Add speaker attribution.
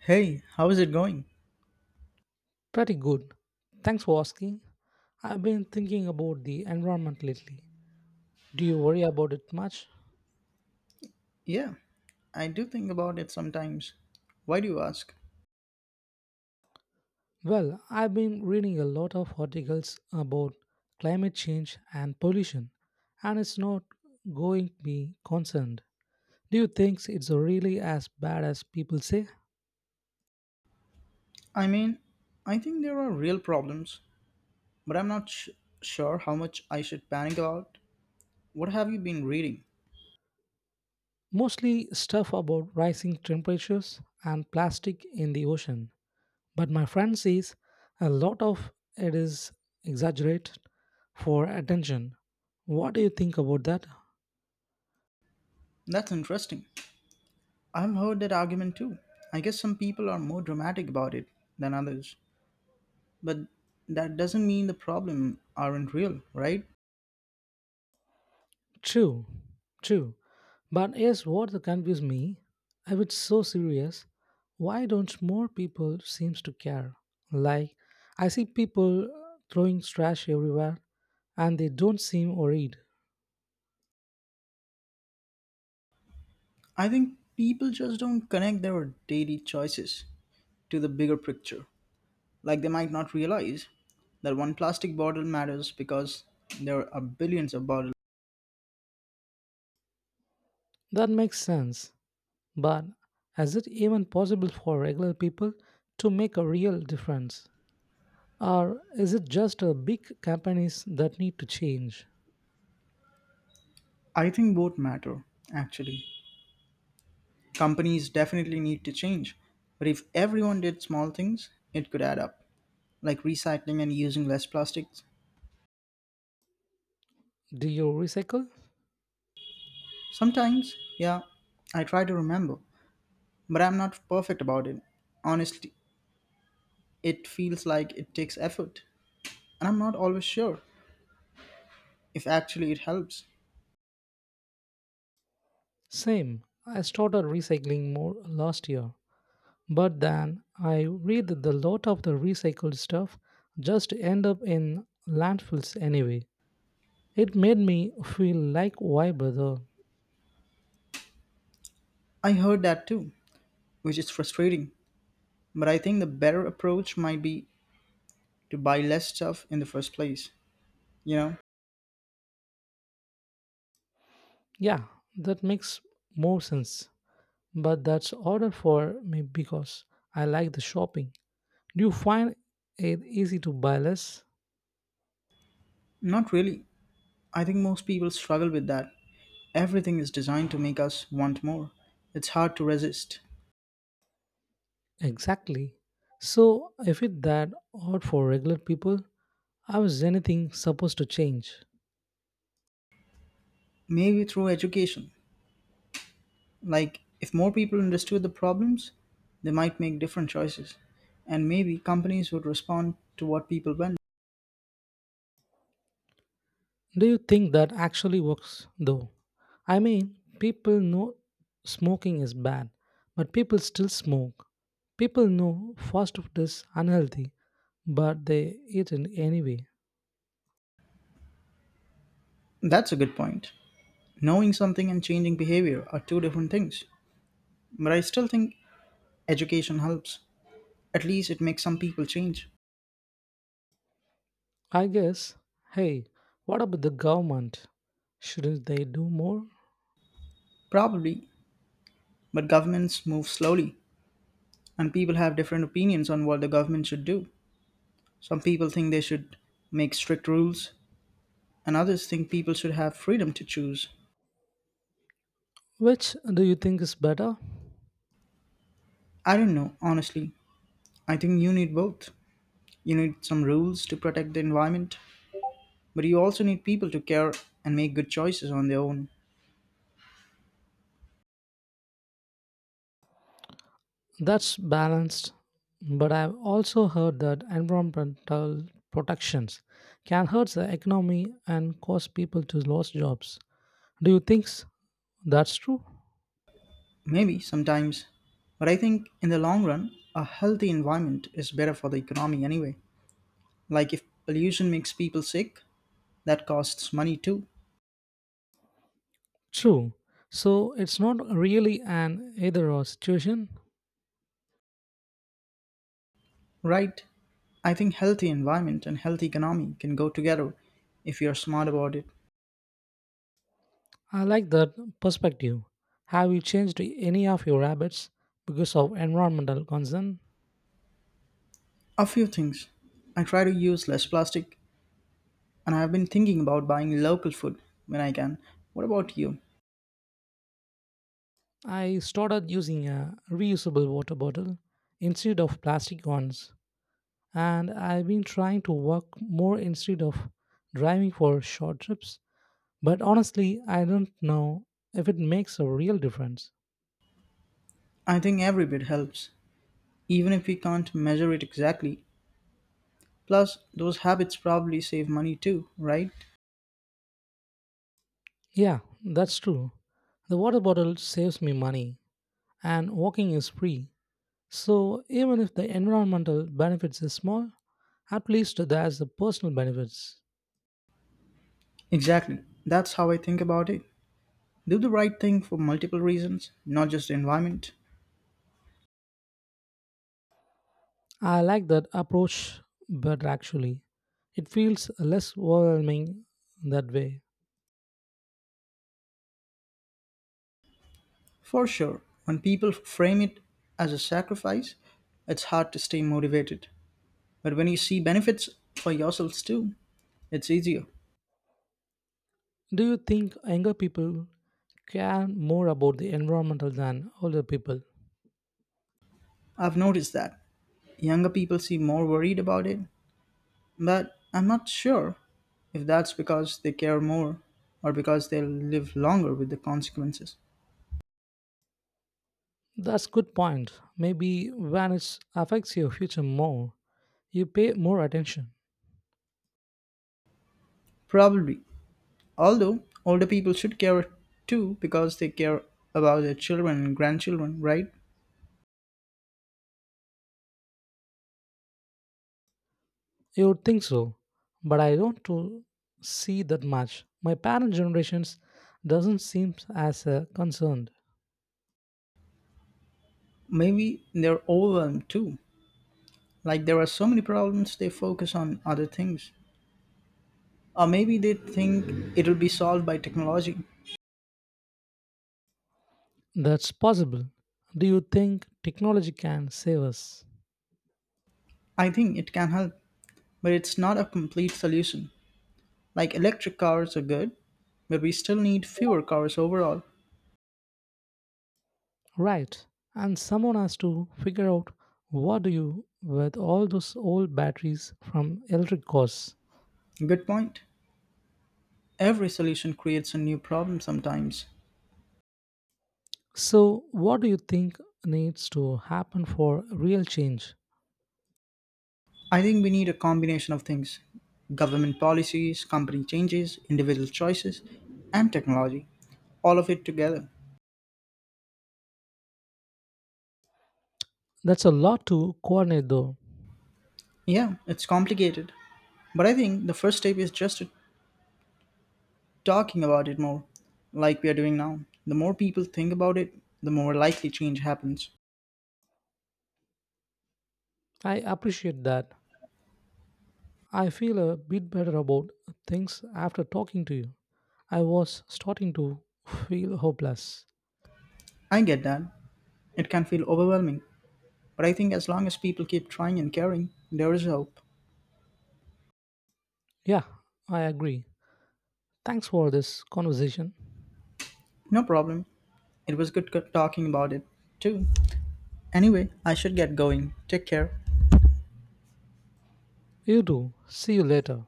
Speaker 1: Hey, how is it going?
Speaker 2: Pretty good. Thanks for asking. I've been thinking about the environment lately. Do you worry about it much?
Speaker 1: Yeah, I do think about it sometimes. Why do you ask?
Speaker 2: Well, I've been reading a lot of articles about climate change and pollution, and it's not going to be concerned. Do you think it's really as bad as people say?
Speaker 1: I mean, I think there are real problems, but I'm not sh- sure how much I should panic about. What have you been reading?
Speaker 2: Mostly stuff about rising temperatures and plastic in the ocean. But my friend says a lot of it is exaggerated for attention. What do you think about that?
Speaker 1: That's interesting. I've heard that argument too. I guess some people are more dramatic about it than others, but that doesn't mean the problem aren't real, right?
Speaker 2: True, true. But here's what confused me. If it's so serious, why don't more people seems to care? Like I see people throwing trash everywhere and they don't seem worried.
Speaker 1: I think people just don't connect their daily choices to the bigger picture. Like they might not realize that one plastic bottle matters because there are billions of bottles.
Speaker 2: That makes sense. But is it even possible for regular people to make a real difference? Or is it just big companies that need to change?
Speaker 1: I think both matter, actually. Companies definitely need to change, but if everyone did small things, it could add up, like recycling and using less plastics.
Speaker 2: Do you recycle?
Speaker 1: Sometimes, yeah, I try to remember, but I'm not perfect about it. Honestly, it feels like it takes effort, and I'm not always sure if actually it helps.
Speaker 2: Same. I started recycling more last year. But then I read that the lot of the recycled stuff just end up in landfills anyway. It made me feel like why brother?
Speaker 1: I heard that too, which is frustrating. But I think the better approach might be to buy less stuff in the first place. You know?
Speaker 2: Yeah, that makes more sense. But that's harder for me because I like the shopping. Do you find it easy to buy less?
Speaker 1: Not really. I think most people struggle with that. Everything is designed to make us want more. It's hard to resist.
Speaker 2: Exactly. So, if it that hard for regular people, how is anything supposed to change?
Speaker 1: Maybe through education. Like, if more people understood the problems, they might make different choices. And maybe companies would respond to what people want.
Speaker 2: Do you think that actually works though? I mean, people know smoking is bad, but people still smoke. People know fast food is unhealthy, but they eat it anyway.
Speaker 1: That's a good point. Knowing something and changing behavior are two different things. But I still think education helps. At least it makes some people change.
Speaker 2: I guess, hey, what about the government? Shouldn't they do more?
Speaker 1: Probably. But governments move slowly, and people have different opinions on what the government should do. Some people think they should make strict rules, and others think people should have freedom to choose.
Speaker 2: Which do you think is better?
Speaker 1: I don't know, honestly. I think you need both. You need some rules to protect the environment, but you also need people to care and make good choices on their own.
Speaker 2: That's balanced, but I've also heard that environmental protections can hurt the economy and cause people to lose jobs. Do you think that's true?
Speaker 1: Maybe sometimes. But I think in the long run, a healthy environment is better for the economy anyway. Like if pollution makes people sick, that costs money too,
Speaker 2: True. So it's not really an either or situation.
Speaker 1: right? I think healthy environment and healthy economy can go together if you're smart about it.
Speaker 2: I like that perspective. Have you changed any of your habits because of environmental concern?
Speaker 1: A few things. I try to use less plastic and I've been thinking about buying local food when I can. What about you?
Speaker 2: I started using a reusable water bottle instead of plastic ones. And I've been trying to walk more instead of driving for short trips. But honestly, I don't know if it makes a real difference.
Speaker 1: I think every bit helps, even if we can't measure it exactly. Plus, those habits probably save money too, right?
Speaker 2: Yeah, that's true. The water bottle saves me money, and walking is free. So even if the environmental benefits is small, at least there's the personal benefits.
Speaker 1: Exactly. That's how I think about it. Do the right thing for multiple reasons, not just the environment.
Speaker 2: I like that approach but actually. It feels less overwhelming that way.
Speaker 1: For sure, when people frame it as a sacrifice, it's hard to stay motivated. But when you see benefits for yourselves too, it's easier.
Speaker 2: Do you think younger people care more about the environmental than older people?
Speaker 1: I've noticed that. Younger people seem more worried about it, but I'm not sure if that's because they care more or because they'll live longer with the consequences.
Speaker 2: That's good point. Maybe when it affects your future more, you pay more attention.
Speaker 1: Probably. Although older people should care too because they care about their children and grandchildren, right?
Speaker 2: You would think so, but I don't to see that much. My parent generations doesn't seem as concerned.
Speaker 1: Maybe they're overwhelmed too. Like there are so many problems, they focus on other things. Or maybe they think it'll be solved by technology.
Speaker 2: That's possible. Do you think technology can save us?
Speaker 1: I think it can help, but it's not a complete solution. Like electric cars are good, but we still need fewer cars overall.
Speaker 2: Right. And someone has to figure out what do you with all those old batteries from electric cars.
Speaker 1: Good point. Every solution creates a new problem sometimes.
Speaker 2: So, what do you think needs to happen for real change?
Speaker 1: I think we need a combination of things: government policies, company changes, individual choices, and technology. All of it together.
Speaker 2: That's a lot to coordinate, though.
Speaker 1: Yeah, it's complicated. But I think the first step is just talking about it more, like we are doing now. The more people think about it, the more likely change happens.
Speaker 2: I appreciate that. I feel a bit better about things after talking to you. I was starting to feel hopeless.
Speaker 1: I get that. It can feel overwhelming, but I think as long as people keep trying and caring, there is hope.
Speaker 2: Yeah, I agree. Thanks for this conversation.
Speaker 1: No problem. It was talking about it, too. Anyway, I should get going. Take care.
Speaker 2: You too. See you later.